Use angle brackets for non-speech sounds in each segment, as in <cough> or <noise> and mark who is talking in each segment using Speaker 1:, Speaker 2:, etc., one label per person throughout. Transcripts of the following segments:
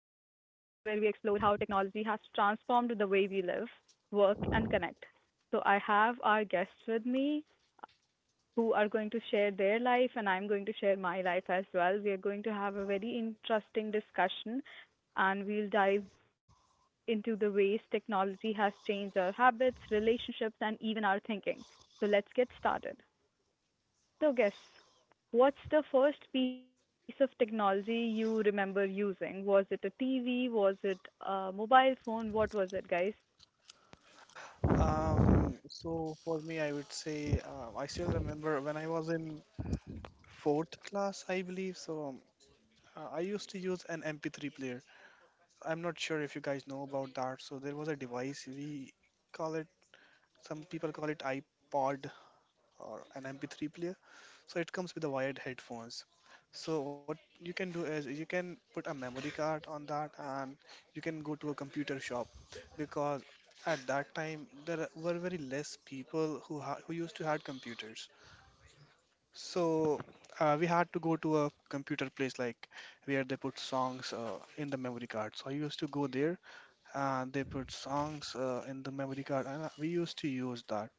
Speaker 1: Where we explore how technology has transformed the way we live, work, and connect. So, I have our guests with me who are going to share their life, and I'm going to share my life as well. We are going to have a very interesting discussion, and we'll dive into the ways technology has changed our habits, relationships, and even our thinking. So, let's get started. So guess, what's the first piece of technology you remember using? Was it a TV? Was it a mobile phone? What was it, guys?
Speaker 2: So for me, I would say I still remember when I was in fourth class, I believe. I used to use an MP3 player. I'm not sure if you guys know about that. So there was a device we call it. Some people call it iPod or an MP3 player. So it comes with the wired headphones. So what you can do is you can put a memory card on that and you can go to a computer shop because at that time there were very less people who ha who used to had computers. So we had to go to a computer place like where they put songs in the memory card. So I used to go there and they put songs in the memory card and we used to use that.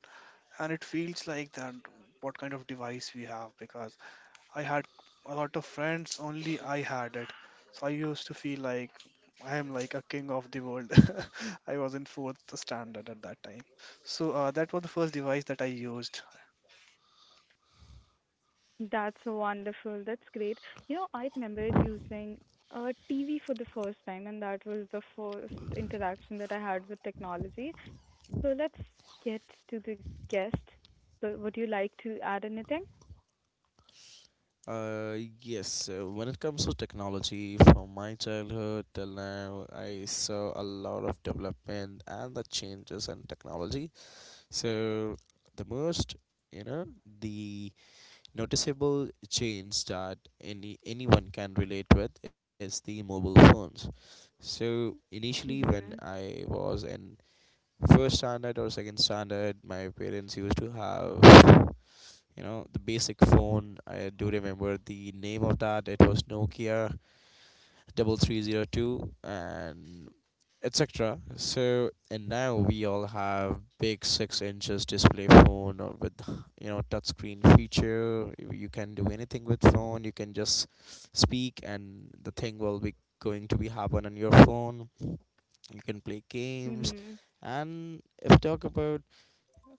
Speaker 2: And it feels like that what kind of device we have because I had a lot of friends, only I had it. So I used to feel like I am like a king of the world. <laughs> I was in fourth standard at that time. So that was the first device that I used.
Speaker 1: That's wonderful. That's great. You know, I remembered using for the first time, and that was the first interaction that I had with technology. So let's get to the guest. So, would you like to add anything?
Speaker 3: Uh, yes, when it comes to technology, from my childhood till now, I saw a lot of development and the changes in technology. So, the most, you know, the noticeable change that anyone can relate with is the mobile phones. So, initially, when
Speaker 1: Mhm.
Speaker 3: I was in first standard or second standard, my parents used to have the basic phone. I do remember the name of that, it was Nokia 3302 and etc. So, and now we all have big 6 inches display phone or with touchscreen feature. You can do anything with phone. You can just speak and the thing will be going to be happen on your phone. You can play games.
Speaker 1: Mhm.
Speaker 3: And if we talk about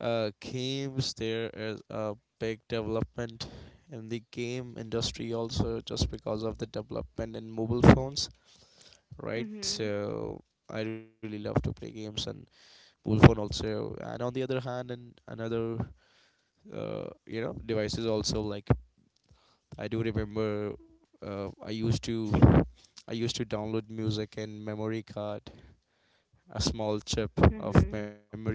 Speaker 3: games, there is a big development in the game industry also just because of the development in mobile phones, right?
Speaker 1: Mhm.
Speaker 3: So I really love to play games on mobile phone also. And on the other hand and another devices also, like I do remember uh, i used to I used to download music in memory card, a small chip of
Speaker 1: Mhm.
Speaker 3: memory.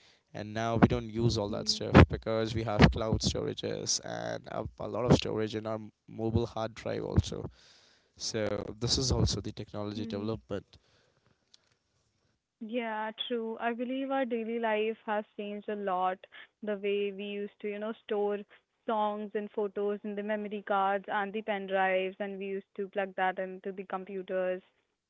Speaker 3: And now we don't use all that stuff
Speaker 1: Mhm.
Speaker 3: because we have cloud storages and a lot of storage in our mobile hard drive also. So this is also the technology
Speaker 1: Mhm.
Speaker 3: development.
Speaker 1: Yeah, true. I believe our daily life has changed a lot. The way we used to, you know, store songs and photos in the memory cards and the pen drives, and we used to plug that into the computers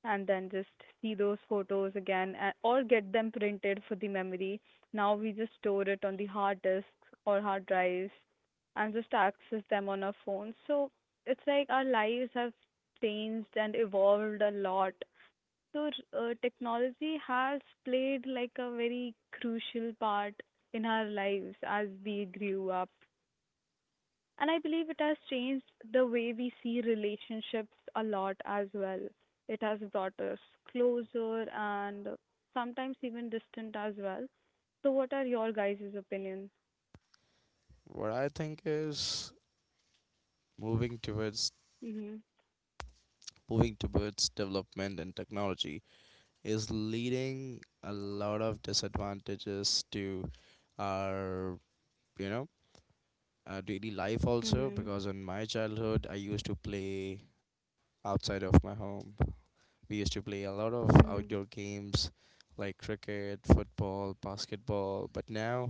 Speaker 1: and then just see those photos again or get them printed for the memory. Now we just store it on the hard disks or hard drives and just access them on our phones. So it's like our lives have changed and evolved a lot so, technology has played like a very crucial part in our lives as we grew up. And I believe it has changed the way we see relationships a lot as well. It has brought us closer and sometimes even distant as well. So, what are your guys' opinions?
Speaker 3: What I think is, moving towards
Speaker 1: Mhm.
Speaker 3: moving towards development and technology is leading a lot of disadvantages to our you know daily life also,
Speaker 1: Mhm.
Speaker 3: because in my childhood I used to play outside of my home. We used to play a lot of outdoor
Speaker 1: Mhm.
Speaker 3: games like cricket, football, basketball, but now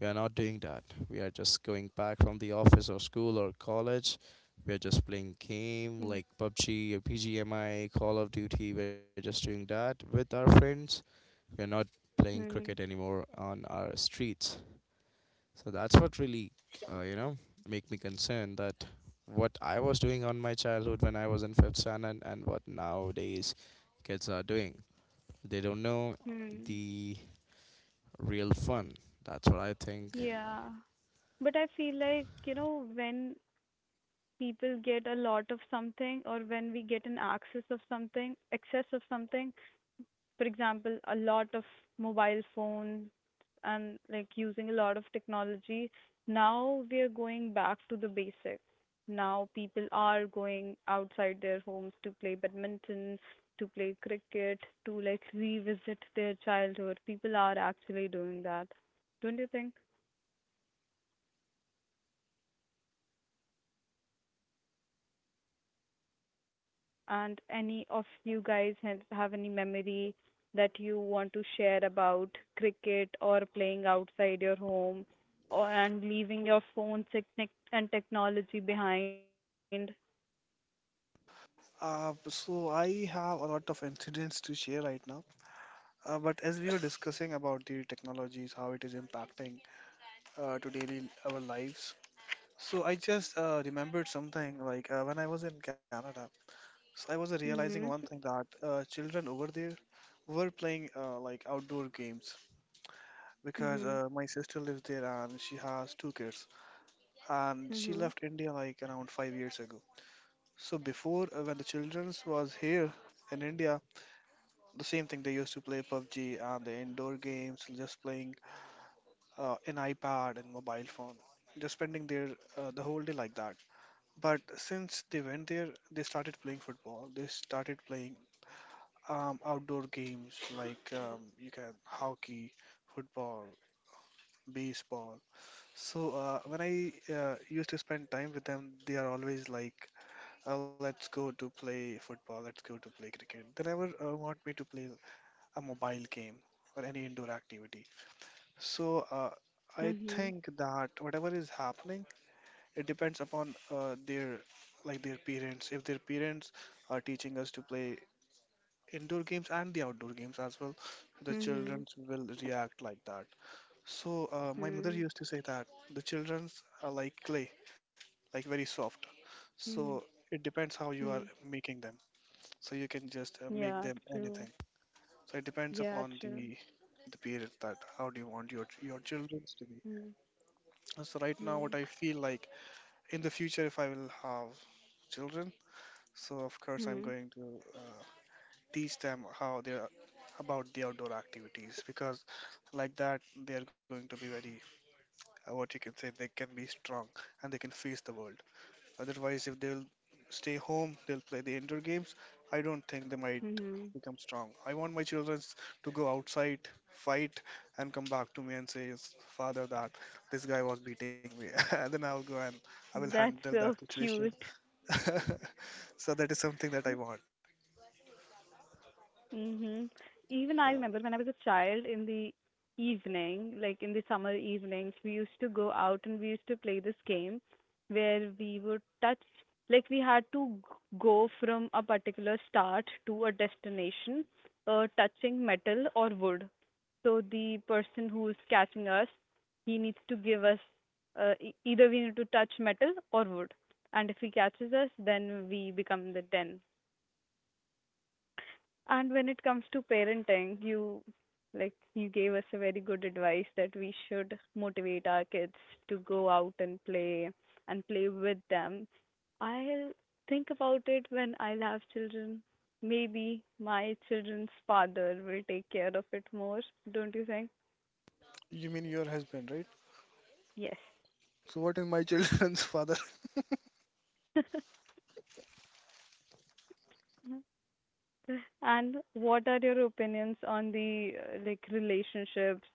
Speaker 3: we are not doing that. We are just going back from the office or school or college. We are just playing game
Speaker 1: Mhm.
Speaker 3: like PUBG or PGMI, Call of Duty. We are just doing that with our friends. We are not playing cricket
Speaker 1: Mhm.
Speaker 3: anymore on our streets. So that's what really, uh, you know, make me concerned that what I was doing on my childhood when I was in fifth standard and what nowadays kids are doing. They don't know
Speaker 1: Mhm.
Speaker 3: the real fun. That's what I think.
Speaker 1: Yeah. But I feel like, you know, when people get a lot of something or when we get an access of something, excess of something, for example, a lot of mobile phones and like using a lot of technology, now we are going back to the basics. Now people are going outside their homes to play badminton, to play cricket, to like revisit their childhood. People are actually doing that. Don't you think? And any of you guys have any memory that you want to share about cricket or playing outside your home or and leaving your phone and technology behind?
Speaker 2: So I have a lot of incidents to share right now. But as we were discussing about the technologies, how it is impacting to daily our lives, so I just remembered something like when I was in Canada. So I was realizing one
Speaker 1: Mhm.
Speaker 2: thing that children over there were playing like outdoor games because
Speaker 1: Mhm.
Speaker 2: my sister lives there and she has two kids and she
Speaker 1: Mhm.
Speaker 2: left India like around 5 years ago. So before when the children's was here in India, the same thing they used to play PUBG and the indoor games, just playing an iPad and mobile phone, just spending their the whole day like that. But since they went there, they started playing football. They started playing outdoor games like you can hockey, football, baseball. So when I used to spend time with them, they are always like, "Let's go to play football. Let's go to play cricket." They never want me to play a mobile game or any indoor activity. So I
Speaker 1: Mhm.
Speaker 2: think that whatever is happening, it depends upon their parents. If their parents are teaching us to play indoor games and the outdoor games as well, the children
Speaker 1: Mhm.
Speaker 2: will react like that. So my mother
Speaker 1: Mhm.
Speaker 2: used to say that the childrens are like clay, like very soft.
Speaker 1: Mhm.
Speaker 2: So it depends
Speaker 1: Mhm.
Speaker 2: how you are making them. So you can just make
Speaker 1: Yeah,
Speaker 2: them
Speaker 1: true.
Speaker 2: anything. So it depends
Speaker 1: Yeah,
Speaker 2: upon
Speaker 1: true.
Speaker 2: the parents that how do you want your children to be. So right now, what
Speaker 1: Mm-hmm.
Speaker 2: I feel like in the future, if I will have children, so of course I'm going to uh, teach them how they are about the outdoor activities because like that they are going to be very what you can say they can be strong and they can face the world. Otherwise, if they'll stay home, they'll play the indoor games. I don't think they might
Speaker 1: Mm-hmm.
Speaker 2: become strong. I want my children to go outside, fight, and come back to me and say, "Yes, father, that this guy was beating me." <laughs> And then I'll go and I will
Speaker 1: That's
Speaker 2: handle that
Speaker 1: so <laughs>
Speaker 2: situation.
Speaker 1: cute.
Speaker 2: <laughs> So that is something that I want.
Speaker 1: Mm-hmm. Even I remember
Speaker 2: Yeah.
Speaker 1: when I was a child in the evening, like in the summer evenings, we used to go out and we used to play this game where we would touch, like we had to go from a particular start to a destination, touching metal or wood. So the person who's catching us, he needs to give us, either we need to touch metal or wood. And if he catches us, then we become the 10. And when it comes to parenting, you like you gave us a very good advice that we should motivate our kids to go out and play with them. I'll think about it when I'll have children. Maybe my children's father will take care of it more, don't you think?
Speaker 2: You mean your husband, right?
Speaker 1: Yes.
Speaker 2: So what is my <laughs> children's father?
Speaker 1: <laughs> And what are your opinions on the like relationships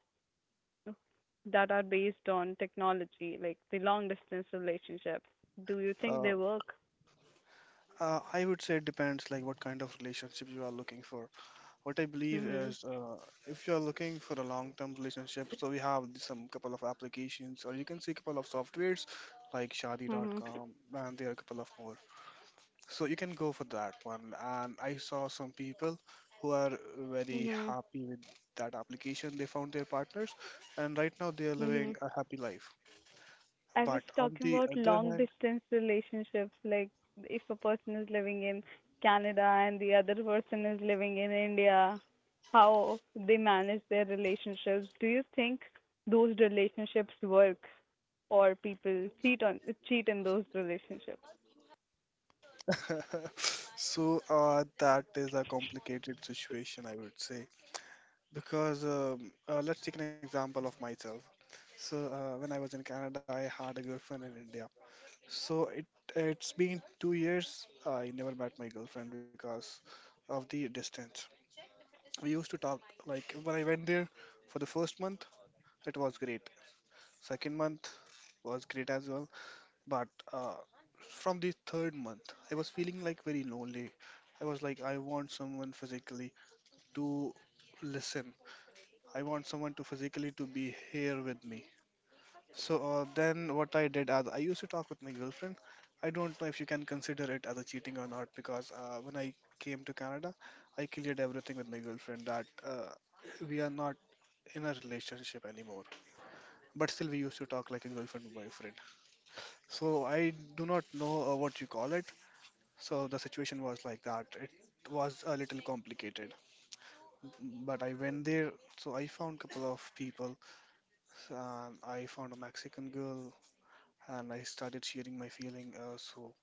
Speaker 1: that are based on technology, like the long distance relationship. Do you think
Speaker 2: uh,
Speaker 1: they work?
Speaker 2: I would say it depends like what kind of relationship you are looking for. What I believe
Speaker 1: Mhm.
Speaker 2: is, if you are looking for a long-term relationship, so we have some couple of applications, or you can see a couple of softwares like
Speaker 1: Mhm.
Speaker 2: Shadi.com, and there are a couple of more. So you can go for that one. And I saw some people who are very
Speaker 1: Mhm.
Speaker 2: happy with that application. They found their partners, and right now they are living
Speaker 1: Mhm.
Speaker 2: a happy life.
Speaker 1: I was
Speaker 2: But on
Speaker 1: talking
Speaker 2: the
Speaker 1: about
Speaker 2: other
Speaker 1: long
Speaker 2: hand,
Speaker 1: distance relationships, like if a person is living in Canada and the other person is living in India, how they manage their relationships. Do you think those relationships work or people cheat in those relationships?
Speaker 2: <laughs> that is a complicated situation, I would say. Because let's take an example of myself. So when I was in Canada, I had a girlfriend in India. So it's been 2 years. I never met my girlfriend because of the distance. We used to talk like when I went there for the first month, it was great. Second month was great as well. But uh, from the third month, I was feeling like very lonely. I was like, I want someone physically to listen. I want someone to physically to be here with me. So then what I did as I used to talk with my girlfriend. I don't know if you can consider it as a cheating or not because when I came to Canada, I cleared everything with my girlfriend that we are not in a relationship anymore. But still, we used to talk like a girlfriend boyfriend. So I do not know what you call it. So the situation was like that. It was a little complicated. But I went there, so I found couple of people. And I found a Mexican girl and I started sharing my feeling. So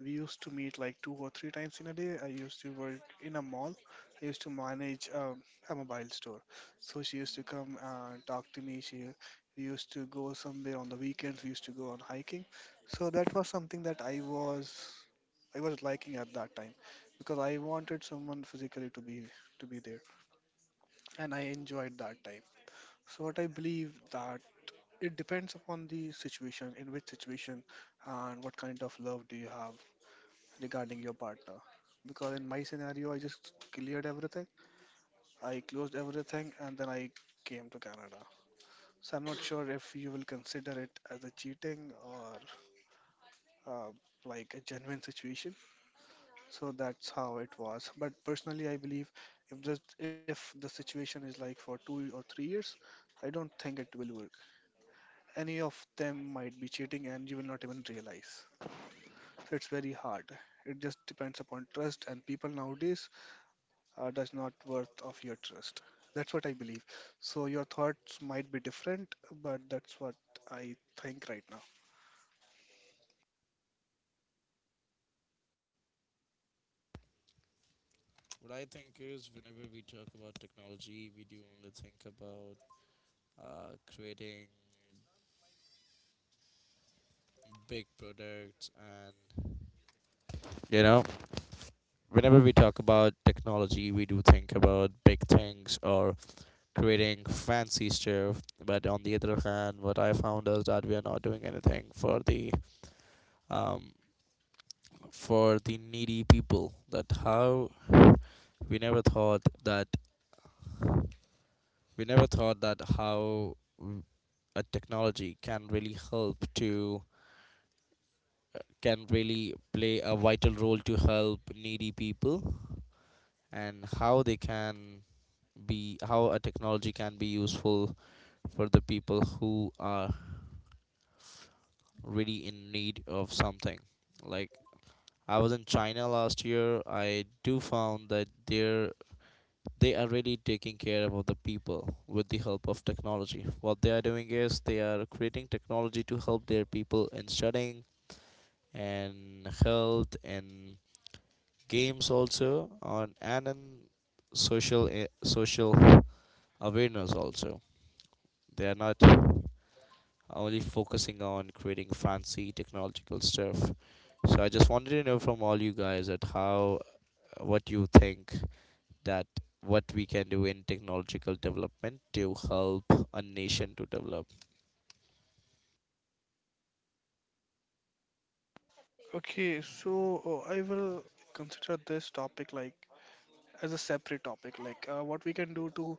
Speaker 2: we used to meet like two or three times in a day. I used to work in a mall. I used to manage a mobile store. So she used to come and talk to me. She we used to go somewhere on the weekends. We used to go on hiking. So that was something that I was liking at that time because I wanted someone physically to be there, and I enjoyed that time. So what I believe that it depends upon the situation, in which situation, and what kind of love do you have regarding your partner. Because in my scenario, I just cleared everything, I closed everything, and then I came to Canada. So I'm not sure if you will consider it as a cheating or uh, like a genuine situation. So that's how it was. But personally, I believe if the if the situation is like for 2 or 3 years, I don't think it will work. Any of them might be cheating, and you will not even realize. It's very hard. It just depends upon trust, and people nowadays does not worth of your trust. That's what I believe. So your thoughts might be different, but that's what I think right now.
Speaker 3: What I think is, whenever we talk about technology, we do only think about creating big products and, you know, whenever we talk about technology, we do think about big things or creating fancy stuff. But on the other hand, what I found is that we are not doing anything um, for the needy people. That how we never thought that we never thought that how a technology can really help to, can really play a vital role to help needy people, and how they can be, how a technology can be useful for the people who are really in need of something. Like I was in China last year, I do found that they are really taking care of the people with the help of technology. What they are doing is they are creating technology to help their people in studying and health and games also, on and in social, social awareness also. They are not only focusing on creating fancy technological stuff. So I just wanted to know from all you guys that how, what you think, that what we can do in technological development to help a nation to develop.
Speaker 2: Okay, so I will consider this topic like as a separate topic, like what we can do to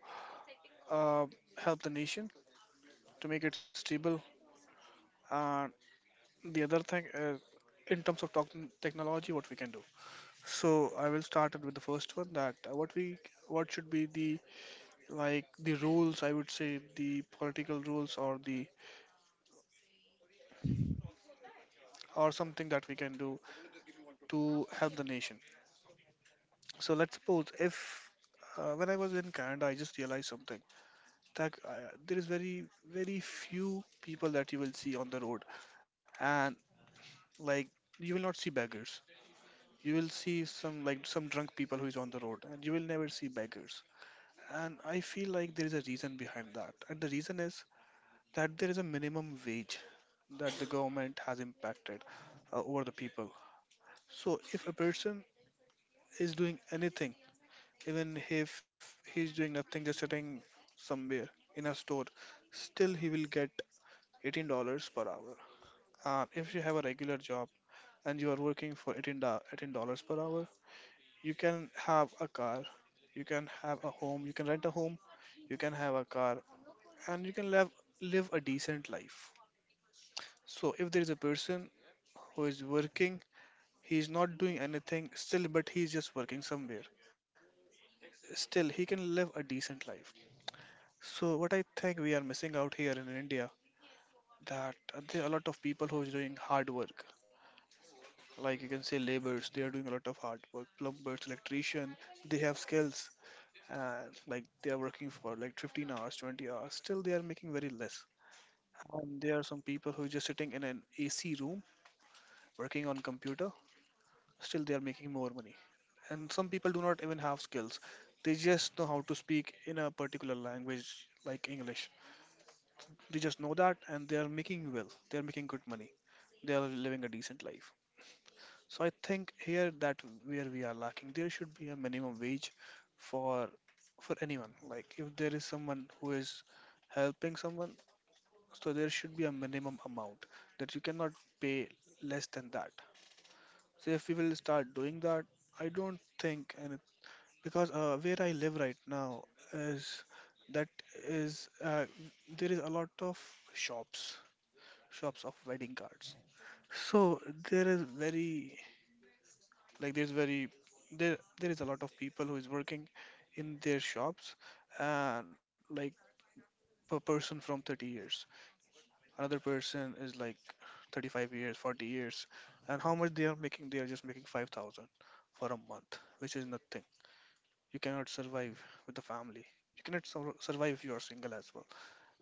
Speaker 2: uh, help the nation to make it stable. And the other thing is, in terms of technology, what we can do. So I will start it with the first one that what should be the like the rules. I would say the political rules or the or something that we can do to help the nation. So let's suppose if when I was in Canada, I just realized something that there is very few people that you will see on the road and like you will not see beggars. You will see some like some drunk people who is on the road, and you will never see beggars. And I feel like there is a reason behind that, and the reason is that there is a minimum wage that the government has impacted over the people. So if a person is doing anything, even if he's doing nothing, just sitting somewhere in a store, still he will get $18 per hour. And if you have a regular job and you are working for 18 $18 per hour, you can have a car, you can have a home, you can rent a home, you can have a car, and you can live a decent life. So if there is a person who is working, he is not doing anything still, but he is just working somewhere. Still, he can live a decent life. So what I think we are missing out here in India that there are a lot of people who is doing hard work. Like you can say laborers, they are doing a lot of hard work. Plumbers, electrician, they have skills. Uh, like they are working for like 15 hours, 20 hours. Still, they are making very less. And there are some people who are just sitting in an AC room working on computer. Still, they are making more money. And some people do not even have skills. They just know how to speak in a particular language like English. They just know that, and they are making, well, they are making good money. They are living a decent life. So I think here that where we are lacking, there should be a minimum wage for for anyone. Like if there is someone who is helping someone, so there should be a minimum amount that you cannot pay less than that. So if we will start doing that, I don't think any. Because where I live right now is that is there is a lot of shops, shops of wedding cards. So there is very, like there's very, there is a lot of people who is working in their shops, and like per person from 30 years. Another person is like 35 years, 40 years. And how much they are making? They are just making 5,000 for a month, which is nothing. You cannot survive with the family. You cannot survive if you are single as well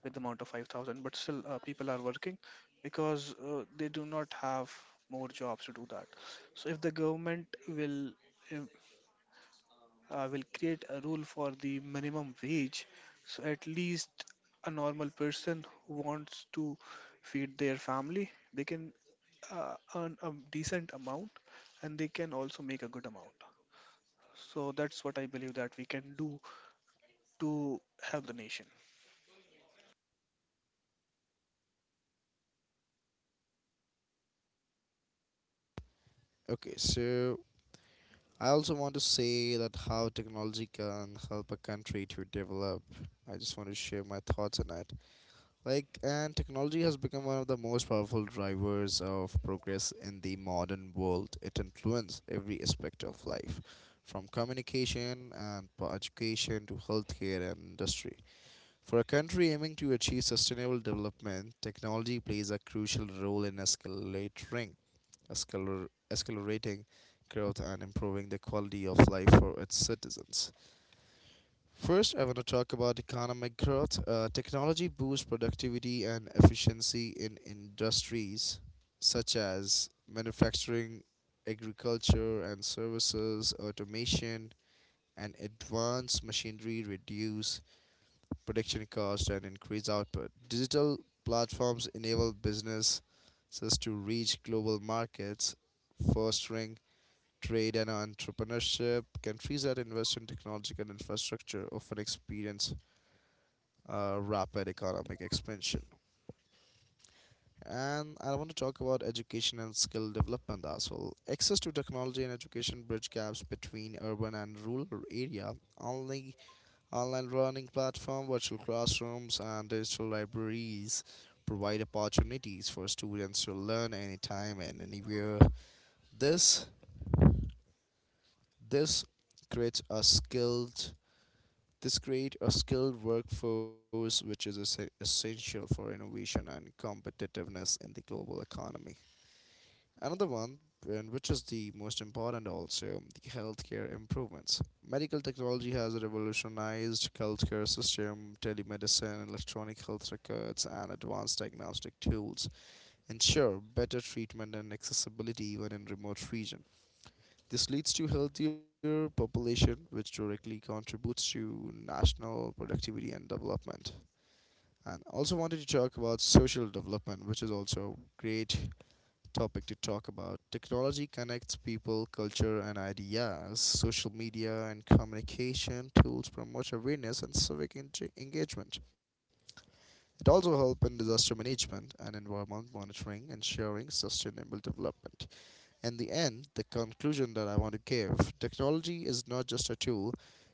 Speaker 2: with the amount of 5,000. But still, people are working because they do not have more jobs to do that. So if the government will im- will create a rule for the minimum wage, so at least a normal person who wants to feed their family, they can earn a decent amount, and they can also make a good amount. So that's what I believe that we can do to help the nation.
Speaker 3: Okay, so I also want to say that how technology can help a country to develop. I just want to share my thoughts on it. Like, and technology has become one of the most powerful drivers of progress in the modern world. It influences every aspect of life, from communication and education to healthcare and industry. For a country aiming to achieve sustainable development, technology plays a crucial role in escalating, escalating growth and improving the quality of life for its citizens. First, I want to talk about economic growth. Technology boosts productivity and efficiency in industries such as manufacturing, agriculture, and services. Automation and advanced machinery reduce production costs and increase output. Digital platforms enable businesses to reach global markets, fostering trade and entrepreneurship. Countries that invest in technological infrastructure often experience rapid economic expansion. And I want to talk about education and skill development as well. Access to technology and education bridge gaps between urban and rural area. Only online learning platform, virtual classrooms, and digital libraries provide opportunities for students to learn anytime and anywhere. This this creates a skilled This creates a skilled workforce, which is essential for innovation and competitiveness in the global economy. Another one, and which is the most important also, the healthcare improvements. Medical technology has revolutionized healthcare system. Telemedicine, electronic health records, and advanced diagnostic tools ensure better treatment and accessibility even in remote regions. This leads to healthier population, which directly contributes to national productivity and development. And also wanted to talk about social development, which is also a great topic to talk about. Technology connects people, culture, and ideas. Social media and communication tools promote awareness and civic engagement. It also helps in disaster management and environment monitoring, ensuring sustainable development. In the end, the conclusion that I want to give, technology is not just a tool,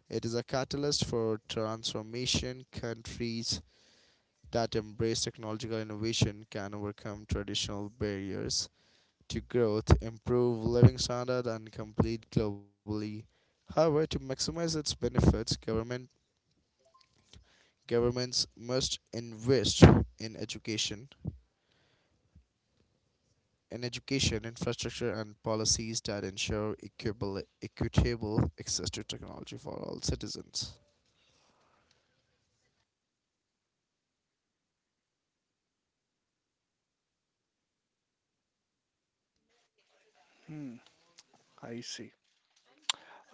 Speaker 3: it is a catalyst for transformation. Countries that embrace technological innovation can overcome traditional barriers to growth, improve living standards, and compete globally. However, to maximize its benefits, governments must invest in education, infrastructure, and policies that ensure equable equitable access to technology for all citizens.
Speaker 2: Hmm, I see.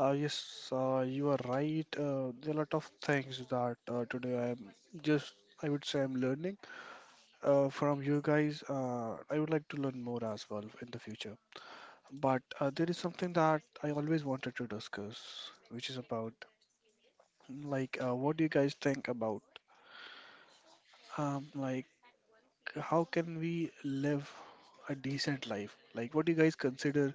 Speaker 2: Yes, you are right. There are a lot of things that today I am just, I would say, I'm learning from you guys. I would like to learn more as well in the future. But there is something that I always wanted to discuss, which is about like, what do you guys think about like how can we live a decent life? Like, what do you guys consider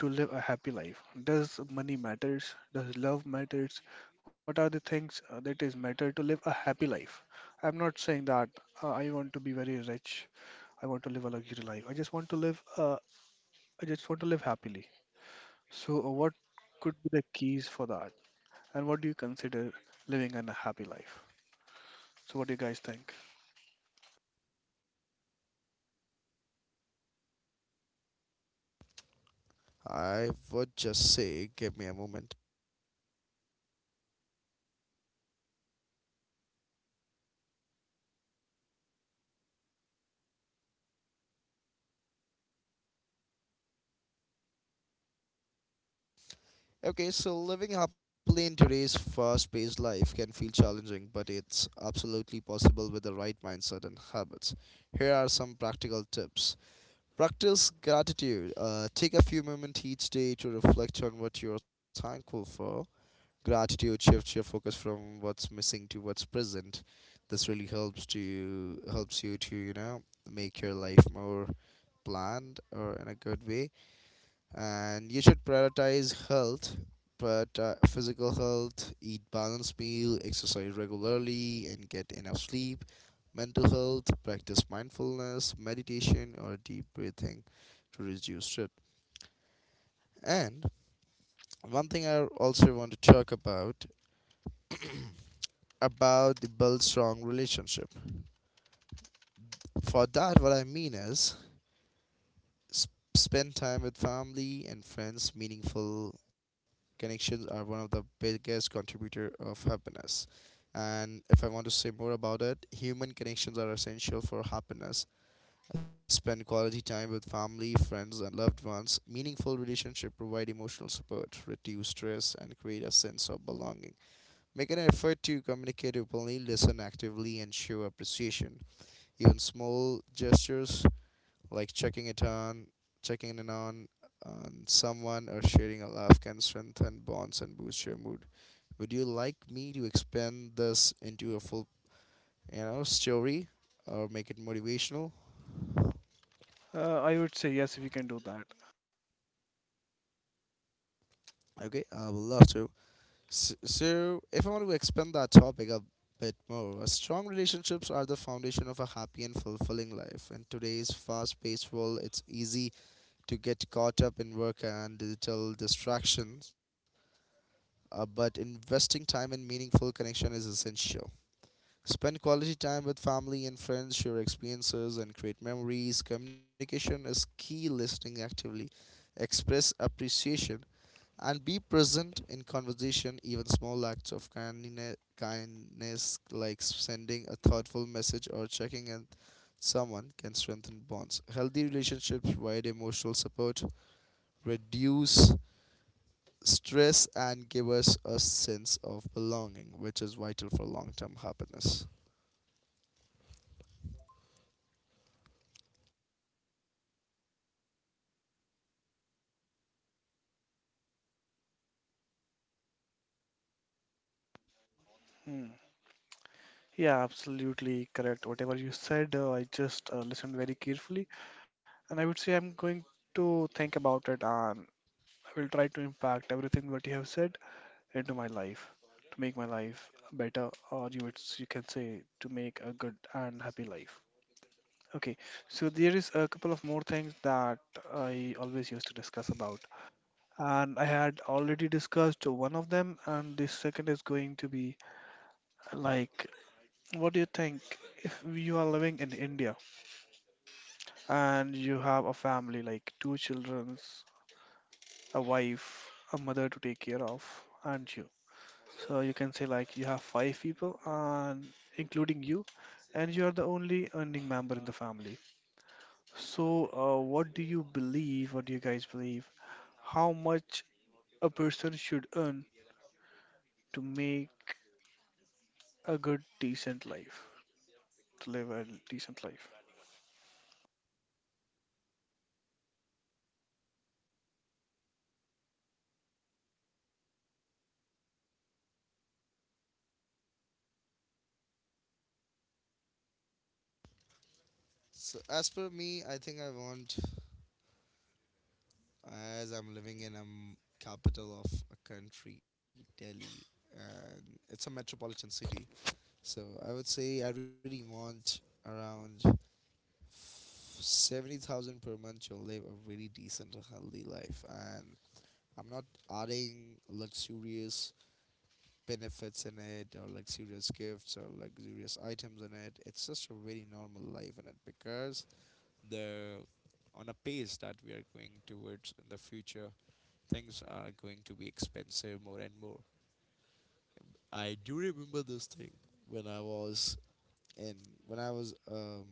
Speaker 2: to live a happy life? Does money matters? Does love matters? What are the things that is matter to live a happy life? I'm not saying that I want to be very rich. I want to live a luxury life. I just want to live. I just want to live happily. So, what could be the keys for that? And what do you consider living an happy life? So, what do you guys think?
Speaker 3: I would just say, give me a moment. Okay, so living happily in today's fast paced life can feel challenging, but it's absolutely possible with the right mindset and habits. Here are some practical tips. Practice gratitude. Take a few moments each day to reflect on what you are thankful for. Gratitude shifts your focus from what's missing to what's present. This really helps you to, you know, make your life more planned or in a good way. And you should prioritize health, but physical health, eat balanced meal, exercise regularly, and get enough sleep. Mental health, practice mindfulness, meditation, or deep breathing to reduce it. And one thing I also want to talk about the build strong relationship. For that, what I mean is spend time with family and friends. Meaningful connections are one of the biggest contributor of happiness. And if I want to say more about it, human connections are essential for happiness. Spend quality time with family, friends, and loved ones. Meaningful relationships provide emotional support, reduce stress, and create a sense of belonging. Make an effort to communicate openly, listen actively, and show appreciation. Even small gestures like checking in on someone or sharing a laugh can strengthen bonds and boost your mood. Would you like me to expand this into a full, you know, story, or make it motivational?
Speaker 2: I would say yes if you can do that.
Speaker 3: Okay, I would love to. So, if I want to expand that topic a bit more, strong relationships are the foundation of a happy and fulfilling life. In today's fast paced world, it's easy to get caught up in work and digital distractions, but investing time in meaningful connection is essential. Spend quality time with family and friends, share experiences, and create memories. Communication is key, listening actively, express appreciation, and be present in conversation. Even small acts of kindness like sending a thoughtful message or checking in someone, can strengthen bonds. Healthy relationships provide emotional support, reduce stress and give us a sense of belonging, which is vital for long term happiness.
Speaker 2: Hmm. Yeah, absolutely correct. Whatever you said, I just listened very carefully. And I would say I'm going to think about it, and I will try to impact everything what you have said into my life to make my life better, or you would you can say to make a good and happy life. Okay, so there is a couple of more things that I always used to discuss about, and I had already discussed one of them, and the second is going to be like, what do you think if you are living in India and you have a family like two children, a wife, a mother to take care of, aren't you? So you can say like you have five people and including you, and you are the only earning member in the family. So what do you believe? What do you guys believe? How much a person should earn to make a good, decent life, to live a decent life?
Speaker 3: So, as per me, I think I want, as I'm living in a capital of a country, Delhi, and it's a metropolitan city. So, I would say I really want around 70,000 per month to live a really decent and healthy life. And I'm not adding luxurious benefits in it or luxurious gifts or luxurious items in it. It's just a very normal life in it, because the on a pace that we are going towards in the future, things are going to be expensive more and more. I do remember this thing when I was in when I was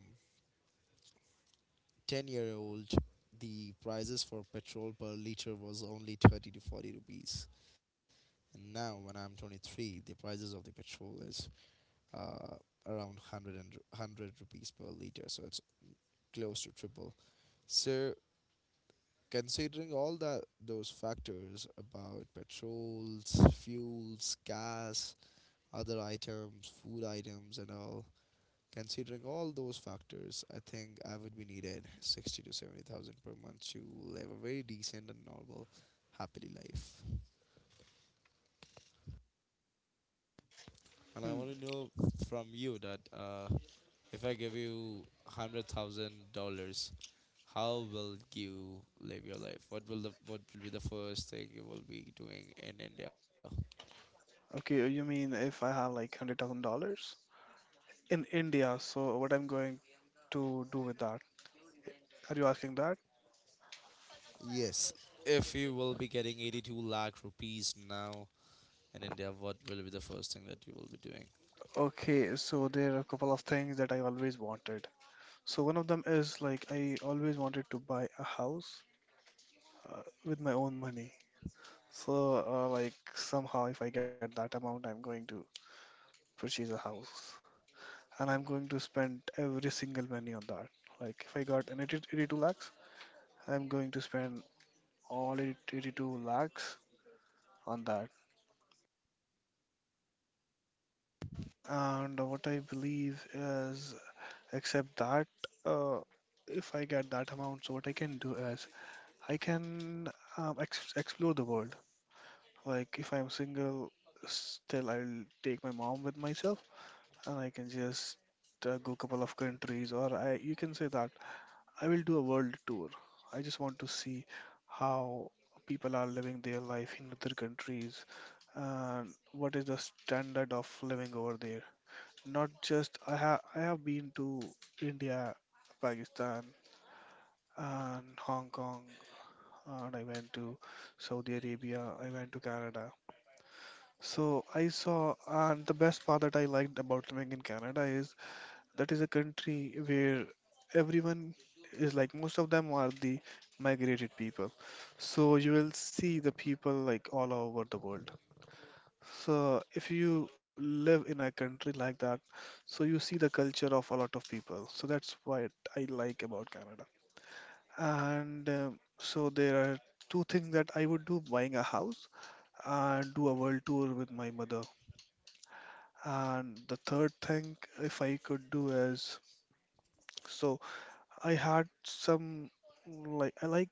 Speaker 3: 10-year old. The prices for petrol per liter was only 30 to 40 rupees, and now when I'm 23, the prices of the petrol is, uh, around 100 rupees per liter, so it's close to triple. So considering all that those factors about petrols, fuels, gas, other items, food items and all, considering all those factors, I think I would be needed 60 to 70,000 per month to live a very decent and normal happily life. And I want to
Speaker 2: Hmm.
Speaker 3: know from you that, if I give you $100,000, how will you live your life? What will be the first thing you will be doing in India?
Speaker 2: Okay, you mean if I have like $100,000 in India? So what I'm going to do with that? Are you asking that?
Speaker 3: Yes. If you will be getting 82 lakh rupees now in India, what will be the first thing that you will be doing?
Speaker 2: Okay, so there are a couple of things that I always wanted. So one of them is like I always wanted to buy a house with my own money. So like somehow if I get that amount, I'm going to purchase a house, and I'm going to spend every single money on that. Like if I got an 80 82 lakhs, I'm going to spend all 80 82 lakhs on that. And what I believe is, except that, uh, if I get that amount, so what I can do is I can ex explore the world. Like if I'm single, still I'll take my mom with myself, and I can just go couple of countries, or I you can say that I will do a world tour. I just want to see how people are living their life in other countries, and what is the standard of living over there. Not just I have been to India, Pakistan, and Hong Kong, and I went to Saudi Arabia, I went to Canada. So I saw, and the best part that I liked about living in Canada is that is a country where everyone is, like most of them are the migrated people. So you will see the people like all over the world. So if you live in a country like that, so you see the culture of a lot of people. So that's what I like about Canada. And so there are two things that I would do: buying a house and do a world tour with my mother. And the third thing, if I could do is, so I had some, like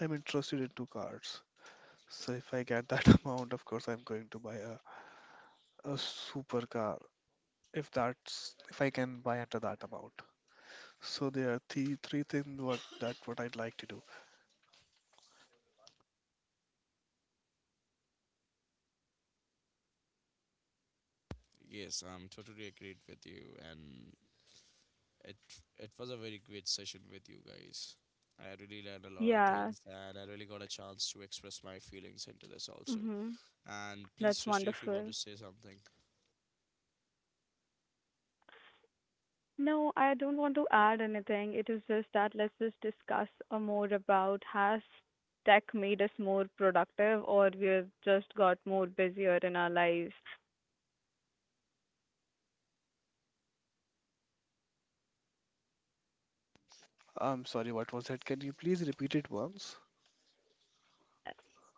Speaker 2: I'm interested into cars. So if I get that <laughs> amount, of course I'm going to buy a supercar if that's if I can buy under that amount. So there are three things what that what I'd like to do.
Speaker 3: Yes, I'm totally agreed with you, and it it was a very great session with you guys. I really learned a lot of
Speaker 1: Yeah.
Speaker 3: things, and I really got a chance to express my feelings into this also.
Speaker 1: Mm-hmm.
Speaker 3: And please,
Speaker 1: That's
Speaker 3: Srishti, if you want to
Speaker 1: wonderful.
Speaker 3: say something.
Speaker 1: No, I don't want to add anything. It is just that let's just discuss more about has tech made us more productive or we've just got more busier in our lives.
Speaker 2: I'm sorry, what was that? Can you please repeat it once?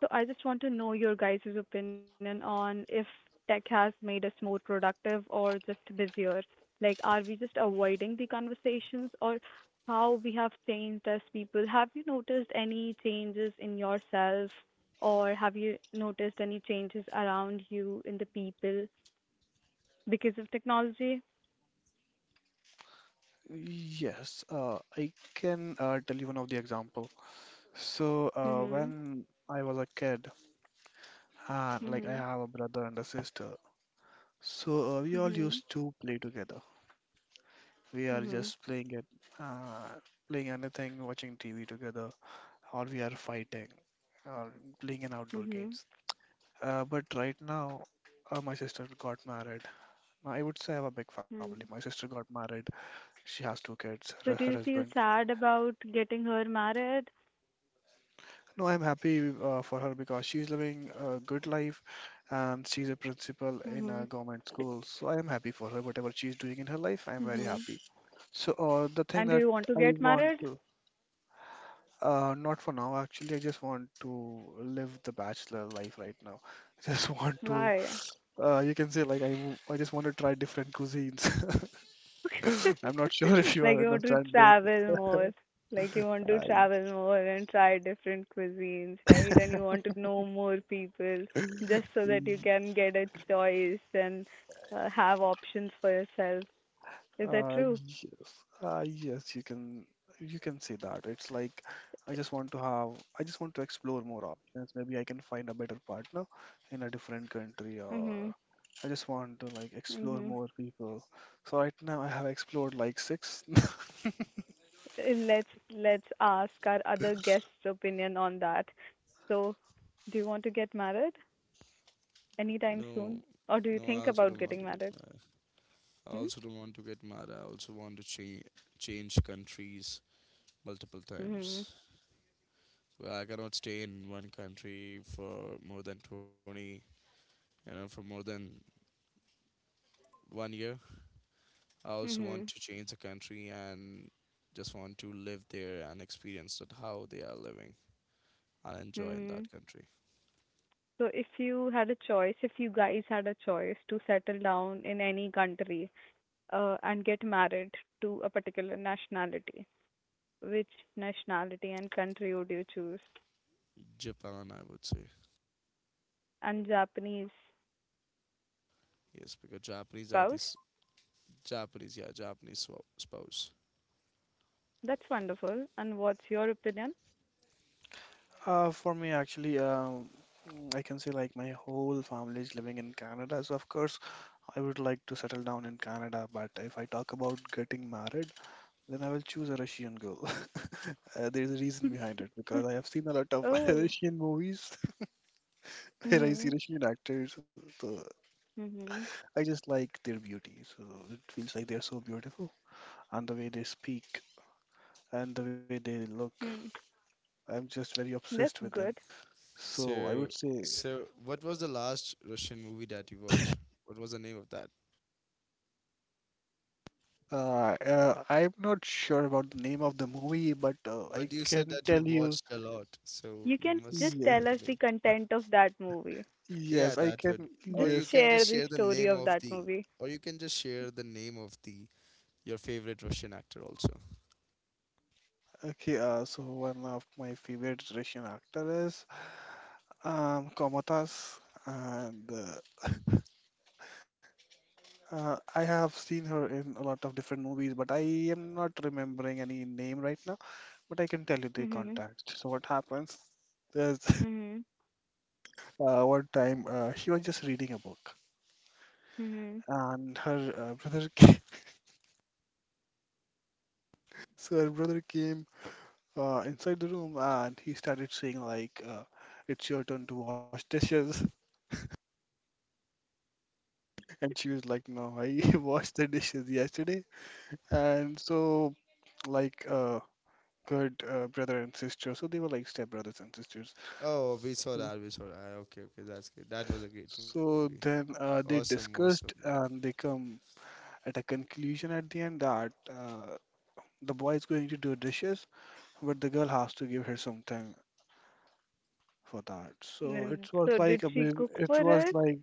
Speaker 1: So I just want to know your guys' opinion on if tech has made us more productive or just busier. Like, are we just avoiding the conversations or how we have changed as people? Have you noticed any changes in yourself or have you noticed any changes around you in the people because of technology?
Speaker 2: Yes, I can tell you one of the example. So,
Speaker 1: Mhm.
Speaker 2: when I was a kid, and like I
Speaker 1: Mhm.
Speaker 2: have a brother and a sister, so we all
Speaker 1: Mhm.
Speaker 2: used to play together. We are
Speaker 1: Mhm.
Speaker 2: just playing it, uh, playing anything, watching TV together, or we are fighting, or playing in outdoor
Speaker 1: Mhm.
Speaker 2: games. But right now, my sister got married. I would say I have a big family. My
Speaker 1: Mhm.
Speaker 2: sister got married. She has two kids,
Speaker 1: So
Speaker 2: her
Speaker 1: do you feel
Speaker 2: husband.
Speaker 1: sad about getting her married?
Speaker 2: No, I'm happy for her because she's living a good life, and she's a principal in a
Speaker 1: Mhm.
Speaker 2: government school. So I am happy for her. Whatever she's doing in her life, I'm very
Speaker 1: Mm-hmm.
Speaker 2: happy. So the thing
Speaker 1: And do
Speaker 2: that
Speaker 1: you want to
Speaker 2: I
Speaker 1: get
Speaker 2: want
Speaker 1: married?
Speaker 2: to, not for now, actually, I just want to live the bachelor life right now. <laughs> Just want to,
Speaker 1: Why?
Speaker 2: you can say like I just want to try different cuisines.
Speaker 1: <laughs>
Speaker 2: <laughs> I'm not sure if you
Speaker 1: Like
Speaker 2: are
Speaker 1: you want to
Speaker 2: understanding.
Speaker 1: travel more. Like you want to travel more and try different cuisines, right? And you want to know more people just so
Speaker 2: Uh,
Speaker 1: that you can get a choice and have options for yourself. Is that true?
Speaker 2: Yes, yes, you can, you can say that. It's like I just want to have I just want to explore more options. Maybe I can find a better partner in a different country,
Speaker 1: Mhm.
Speaker 2: or I just want to like explore
Speaker 1: Mhm.
Speaker 2: more people. So right now I have explored like six. <laughs>
Speaker 1: Let's ask our other guests' opinion on that. So, do you want to get married anytime
Speaker 3: No,
Speaker 1: soon, or do you
Speaker 3: no,
Speaker 1: think about getting married?
Speaker 3: I
Speaker 1: Hmm?
Speaker 3: also don't want to get mad. I also want to change countries multiple
Speaker 1: Mhm.
Speaker 3: times. Well, I cannot stay in one country for more than 20, for more than one year. I also want
Speaker 1: Mhm.
Speaker 3: to change the country and just want to live there and experience that how they are living and enjoy in that
Speaker 1: Mhm.
Speaker 3: country.
Speaker 1: So if you had a choice, if you guys had a choice to settle down in any country, and get married to a particular nationality, which nationality and country would you choose?
Speaker 3: Japan, I would say.
Speaker 1: And Japanese
Speaker 3: Yes, because Japanese are
Speaker 1: spouse?
Speaker 3: this Japanese, yeah, Japanese spouse.
Speaker 1: That's wonderful. And what's your opinion?
Speaker 2: For me actually, I can say like my whole family is living in Canada. So of course I would like to settle down in Canada, but if I talk about getting married, then I will choose a Russian girl. <laughs> There's a reason behind it because
Speaker 1: <laughs>
Speaker 2: I have seen a lot of <laughs>
Speaker 1: Oh.
Speaker 2: Russian movies <laughs> where I see
Speaker 1: Mhm.
Speaker 2: Russian actors, so
Speaker 1: Mhm.
Speaker 2: I just like their beauty. So it feels like they're so beautiful, and the way they speak and the way they look,
Speaker 1: Mm.
Speaker 2: I'm just very
Speaker 1: That's
Speaker 2: obsessed with them.
Speaker 1: good.
Speaker 2: So I
Speaker 3: So,
Speaker 2: would say
Speaker 3: so, what was the last Russian movie that you watched? What was the name of that?
Speaker 2: I'm not sure about the name of the movie, but
Speaker 3: But
Speaker 2: I
Speaker 3: you said
Speaker 2: can
Speaker 3: that you
Speaker 2: tell you.
Speaker 3: watched a lot, so
Speaker 1: You
Speaker 3: you
Speaker 1: can
Speaker 3: must
Speaker 1: just
Speaker 3: know
Speaker 2: Yeah,
Speaker 3: the
Speaker 1: tell us
Speaker 3: name.
Speaker 1: the content of that movie.
Speaker 3: Yeah,
Speaker 2: yes,
Speaker 3: that
Speaker 2: I
Speaker 3: would be.
Speaker 2: can.
Speaker 3: Or
Speaker 1: Just
Speaker 3: you
Speaker 2: Yes.
Speaker 3: can just
Speaker 1: share
Speaker 3: share
Speaker 1: the
Speaker 3: the name
Speaker 1: story of
Speaker 3: of
Speaker 1: that
Speaker 3: the,
Speaker 1: movie.
Speaker 3: or you can just share the name of the, your favorite Russian actor also.
Speaker 2: Okay. So one of my favorite Russian actor is Komatas, and I have seen her in a lot of different movies, but I am not remembering any name right now. But I can tell you the
Speaker 1: Mm-hmm.
Speaker 2: context. So what happens? There's <laughs>
Speaker 1: Mhm.
Speaker 2: one time she was just reading a book,
Speaker 1: Mhm.
Speaker 2: and her brother <laughs> came. So her brother came inside the room, and he started saying like, "It's your turn to wash dishes," <laughs> and she was like, "No, I <laughs> washed the dishes yesterday." And so like. Good brother and sister. So they were like step brothers and sisters.
Speaker 3: Oh, we saw that.
Speaker 2: Yeah.
Speaker 3: We saw that. Okay, okay, that's good. That was a great movie.
Speaker 2: So then
Speaker 3: Awesome,
Speaker 2: they
Speaker 3: awesome movie.
Speaker 2: discussed and they come at a conclusion at the end that the boy is going to do dishes, but the girl has to give her something for that. So
Speaker 1: Then,
Speaker 2: it was
Speaker 1: so did
Speaker 2: like a
Speaker 1: she cook
Speaker 2: it
Speaker 1: for
Speaker 2: was
Speaker 1: her?
Speaker 2: like,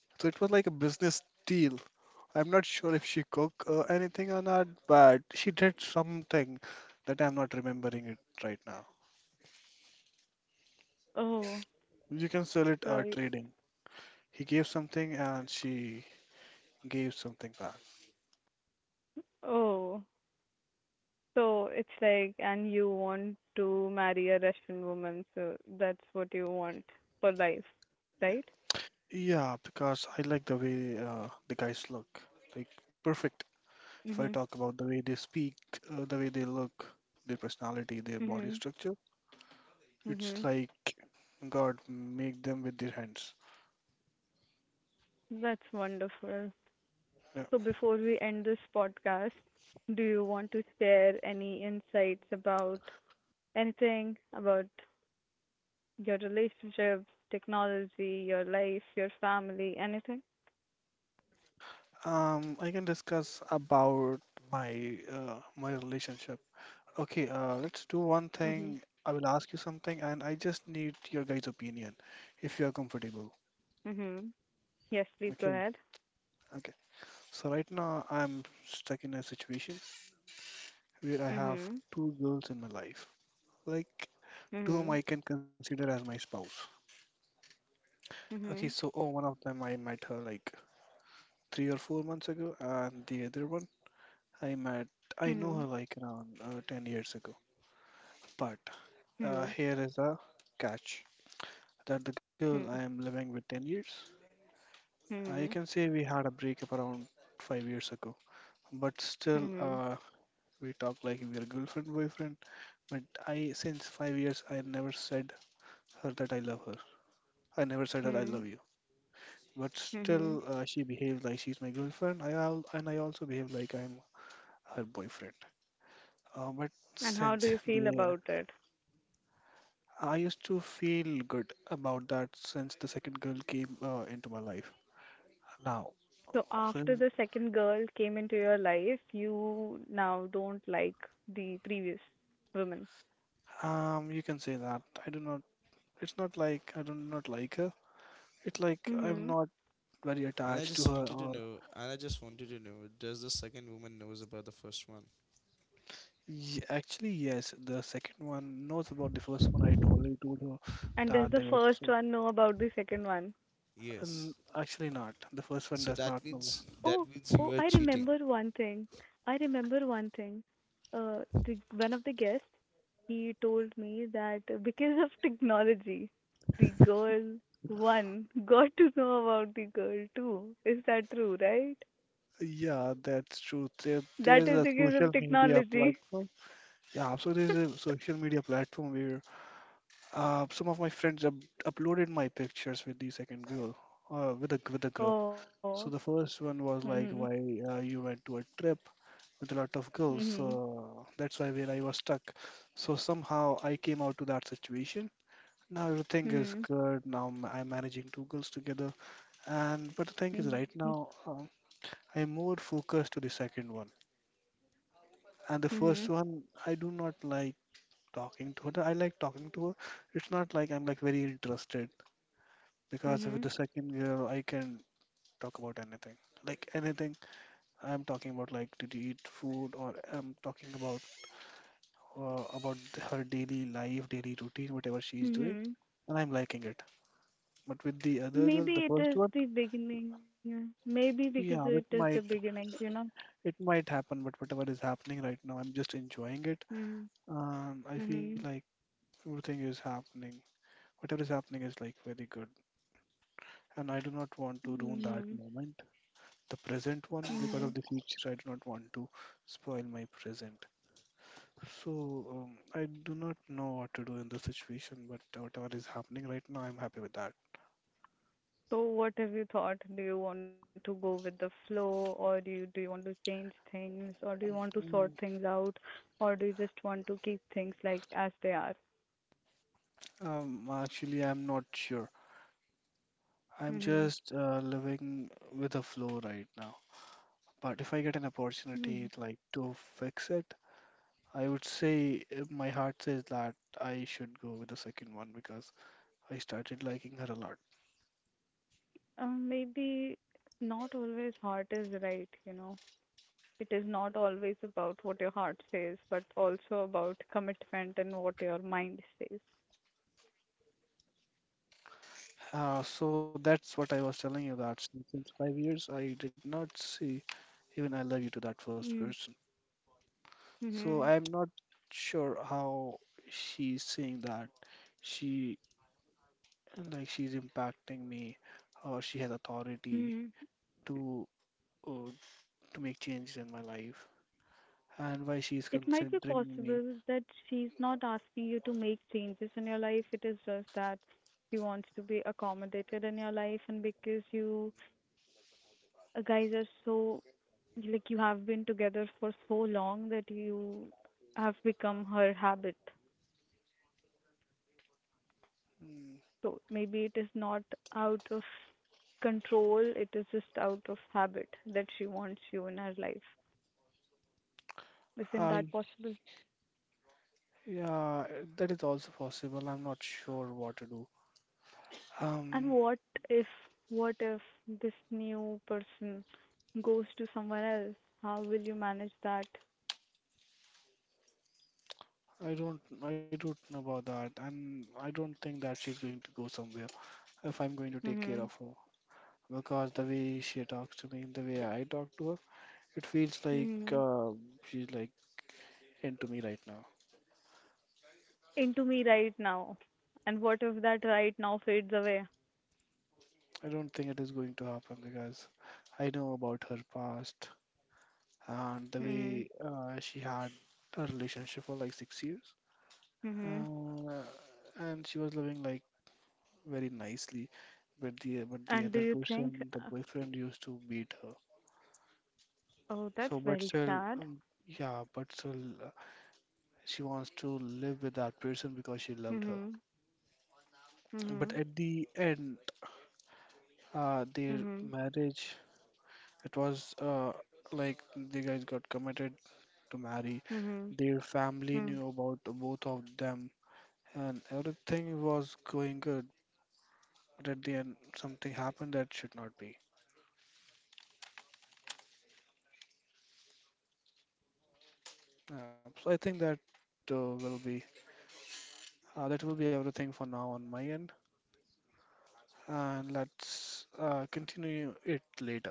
Speaker 2: so it was like a business deal. I'm not sure if she cook anything or not, but she did something that I'm not remembering it right now.
Speaker 1: Oh,
Speaker 2: You can sell it
Speaker 1: so
Speaker 2: trading. He gave something, and she gave something back.
Speaker 1: oh, so it's like, and you want to marry a Russian woman, so that's what you want for life, right?
Speaker 2: Yeah, because I like the way the guys look. Like, perfect. If I
Speaker 1: Mhm.
Speaker 2: talk about the way they speak, the way they look, their personality, their body
Speaker 1: Mhm.
Speaker 2: structure, it's
Speaker 1: Mhm.
Speaker 2: like God make them with their hands.
Speaker 1: That's wonderful.
Speaker 2: Yeah.
Speaker 1: So before we end this podcast, do you want to share any insights about anything about your relationships, technology, your life, your family, anything?
Speaker 2: I can discuss about my my relationship. Okay, let's do one
Speaker 1: Mhm.
Speaker 2: thing. I will ask you something, and I just need your guys' opinion if you are comfortable.
Speaker 1: Mhm. Yes, please go ahead.
Speaker 2: Okay, okay. So right now I'm stuck in a situation where I have
Speaker 1: Mhm.
Speaker 2: two girls in my life, like two whom
Speaker 1: Mhm.
Speaker 2: I can consider as my spouse. Okay,
Speaker 1: Mhm.
Speaker 2: so oh, one of them I met her like 3 or 4 months ago, and the other one I met, I know
Speaker 1: Mhm.
Speaker 2: her like around 10 years ago. But
Speaker 1: Mhm.
Speaker 2: here is a catch that the girl I
Speaker 1: Mhm.
Speaker 2: am living with 10 years, you
Speaker 1: Mhm.
Speaker 2: can say we had a breakup around 5 years ago, but still
Speaker 1: Mhm.
Speaker 2: we talk like we are girlfriend boyfriend. But I, since 5 years, I never said her that I love her. I never said her I
Speaker 1: Mhm.
Speaker 2: love you. But
Speaker 1: Mhm.
Speaker 2: still, she behaved like she's my girlfriend. I al and I also behave like I'm her boyfriend. But
Speaker 1: And how do
Speaker 2: since
Speaker 1: you feel
Speaker 2: the
Speaker 1: about it?
Speaker 2: I used to feel good about that since the second girl came into my life. Now,
Speaker 1: So after
Speaker 2: since
Speaker 1: the second girl came into your life, you now don't like the previous woman.
Speaker 2: You can say that I do not. It's not like I do not like her. It's like I'm
Speaker 1: Mhm.
Speaker 2: not very attached to her. Or
Speaker 3: And I just wanted to know. Does the second woman knows about the first one?
Speaker 2: y actually, yes, the second one knows about the first one. I'd already told her
Speaker 1: And does
Speaker 2: that
Speaker 1: the
Speaker 2: there was
Speaker 1: first
Speaker 2: so.
Speaker 1: one know about the second one?
Speaker 3: Yes.
Speaker 2: And actually, not. The first
Speaker 3: So
Speaker 2: one
Speaker 3: that
Speaker 2: does not know.
Speaker 3: means, that
Speaker 1: Oh,
Speaker 3: means you are
Speaker 1: oh, I
Speaker 3: cheating.
Speaker 1: remember one thing. I remember one thing. One of the guests, he told me that because of technology, the girl one got to know about the girl two. Is that true, right?
Speaker 2: Yeah, that's true. There
Speaker 1: That
Speaker 2: is
Speaker 1: is
Speaker 2: a
Speaker 1: because of
Speaker 2: social media
Speaker 1: technology.
Speaker 2: platform. Yeah, so there's a
Speaker 1: <laughs>
Speaker 2: social media platform where some of my friends up uploaded my pictures with the second girl, with a group.
Speaker 1: Oh.
Speaker 2: So the first one was
Speaker 1: Mhm.
Speaker 2: like, why you went to a trip with a lot of girls.
Speaker 1: Mhm.
Speaker 2: So that's why where I was stuck. So somehow I came out to that situation. Now everything is
Speaker 1: Mhm.
Speaker 2: good. Now I'm managing two girls together. And but the thing is,
Speaker 1: Mhm.
Speaker 2: right now I'm more focused to the second one. And the first
Speaker 1: Mhm.
Speaker 2: one, I do not like talking to her. I like talking to her. It's not like I'm like very interested because with
Speaker 1: Mhm.
Speaker 2: the second girl, I can talk about anything. Like anything, I'm talking about like did you eat food or I'm talking about her daily life, daily routine, whatever she's doing,
Speaker 1: Mhm.
Speaker 2: and I'm liking it. But with the other girl,
Speaker 1: Maybe
Speaker 2: the
Speaker 1: it
Speaker 2: first
Speaker 1: is
Speaker 2: one,
Speaker 1: the beginning. Maybe because
Speaker 2: yeah,
Speaker 1: it is the beginning, you know.
Speaker 2: it might happen, but whatever is happening right now, I'm just enjoying it,
Speaker 1: Mhm.
Speaker 2: and I feel like
Speaker 1: Mhm.
Speaker 2: everything is happening. Whatever is happening is like very good. And I do not want to ruin that
Speaker 1: Mhm.
Speaker 2: moment, the present one, because of
Speaker 1: Mhm.
Speaker 2: the future. I do not want to spoil my present. So I do not know what to do in this situation, but whatever is happening right now, I'm happy with that.
Speaker 1: So what have you thought? Do you want to go with the flow or do you want to change things or do you want to sort
Speaker 2: Mm,
Speaker 1: things out or do you just want to keep things like as they are?
Speaker 2: Actually, I'm not sure. I'm
Speaker 1: Mhm.
Speaker 2: just living with the flow right now. But if I get an
Speaker 1: Mhm.
Speaker 2: opportunity like to fix it, I would say my heart says that I should go with the second one because I started liking her a lot.
Speaker 1: Maybe not always heart is right, you know. It is not always about what your heart says, but also about commitment and what your mind says.
Speaker 2: So that's what I was telling you that since 5 years, I did not see even I love you to that first
Speaker 1: Mm-hmm.
Speaker 2: person. So
Speaker 1: Mm-hmm.
Speaker 2: I'm not sure how she's seeing that. She like she's impacting me, or she has authority
Speaker 1: Mm-hmm.
Speaker 2: to uh, to make changes in my life, and why she's
Speaker 1: It might be
Speaker 2: considering me.
Speaker 1: possible that she's not asking you to make changes in your life. It is just that she wants to be accommodated in your life, and because you guys are so like you have been together for so long that you have become her habit.
Speaker 2: Mm,
Speaker 1: So maybe it is not out of control, it is just out of habit that she wants you in her life. Isn't
Speaker 2: I
Speaker 1: that possible?
Speaker 2: yeah, that is also possible. I'm not sure what to do.
Speaker 1: And
Speaker 2: Um,
Speaker 1: if, what if this new person goes to someone else? How will you manage that?
Speaker 2: I don't know about that, and I don't think that she's going to go somewhere if I'm going to take care of
Speaker 1: Mm-hmm.
Speaker 2: her. Because the way she talks to me, the way I talk to her, it feels like
Speaker 1: Mm-hmm.
Speaker 2: she's like into me right now.
Speaker 1: Into me right now. And what if that right now fades away?
Speaker 2: I don't think it is going to happen because I know about her past and the
Speaker 1: Mm-hmm.
Speaker 2: way she had a relationship for like 6 years,
Speaker 1: Mm-hmm.
Speaker 2: uh, and she was living like very nicely, but the
Speaker 1: And do
Speaker 2: other
Speaker 1: you think,
Speaker 2: person, the boyfriend, used to beat her.
Speaker 1: oh,
Speaker 2: So,
Speaker 1: that's
Speaker 2: but
Speaker 1: very
Speaker 2: still,
Speaker 1: sad.
Speaker 2: yeah, but still, uh, she wants to live with that person because she loved her.
Speaker 1: Mm-hmm.
Speaker 2: But
Speaker 1: Mm-hmm.
Speaker 2: at the end, their
Speaker 1: Mm-hmm.
Speaker 2: marriage, it was like the guys got committed to marry.
Speaker 1: Mm-hmm.
Speaker 2: Their family
Speaker 1: Mm-hmm.
Speaker 2: knew about both of them, and everything was going good. But at the end, something happened that should not be. So I think that will be That will be everything for now on my end, and let's continue it later.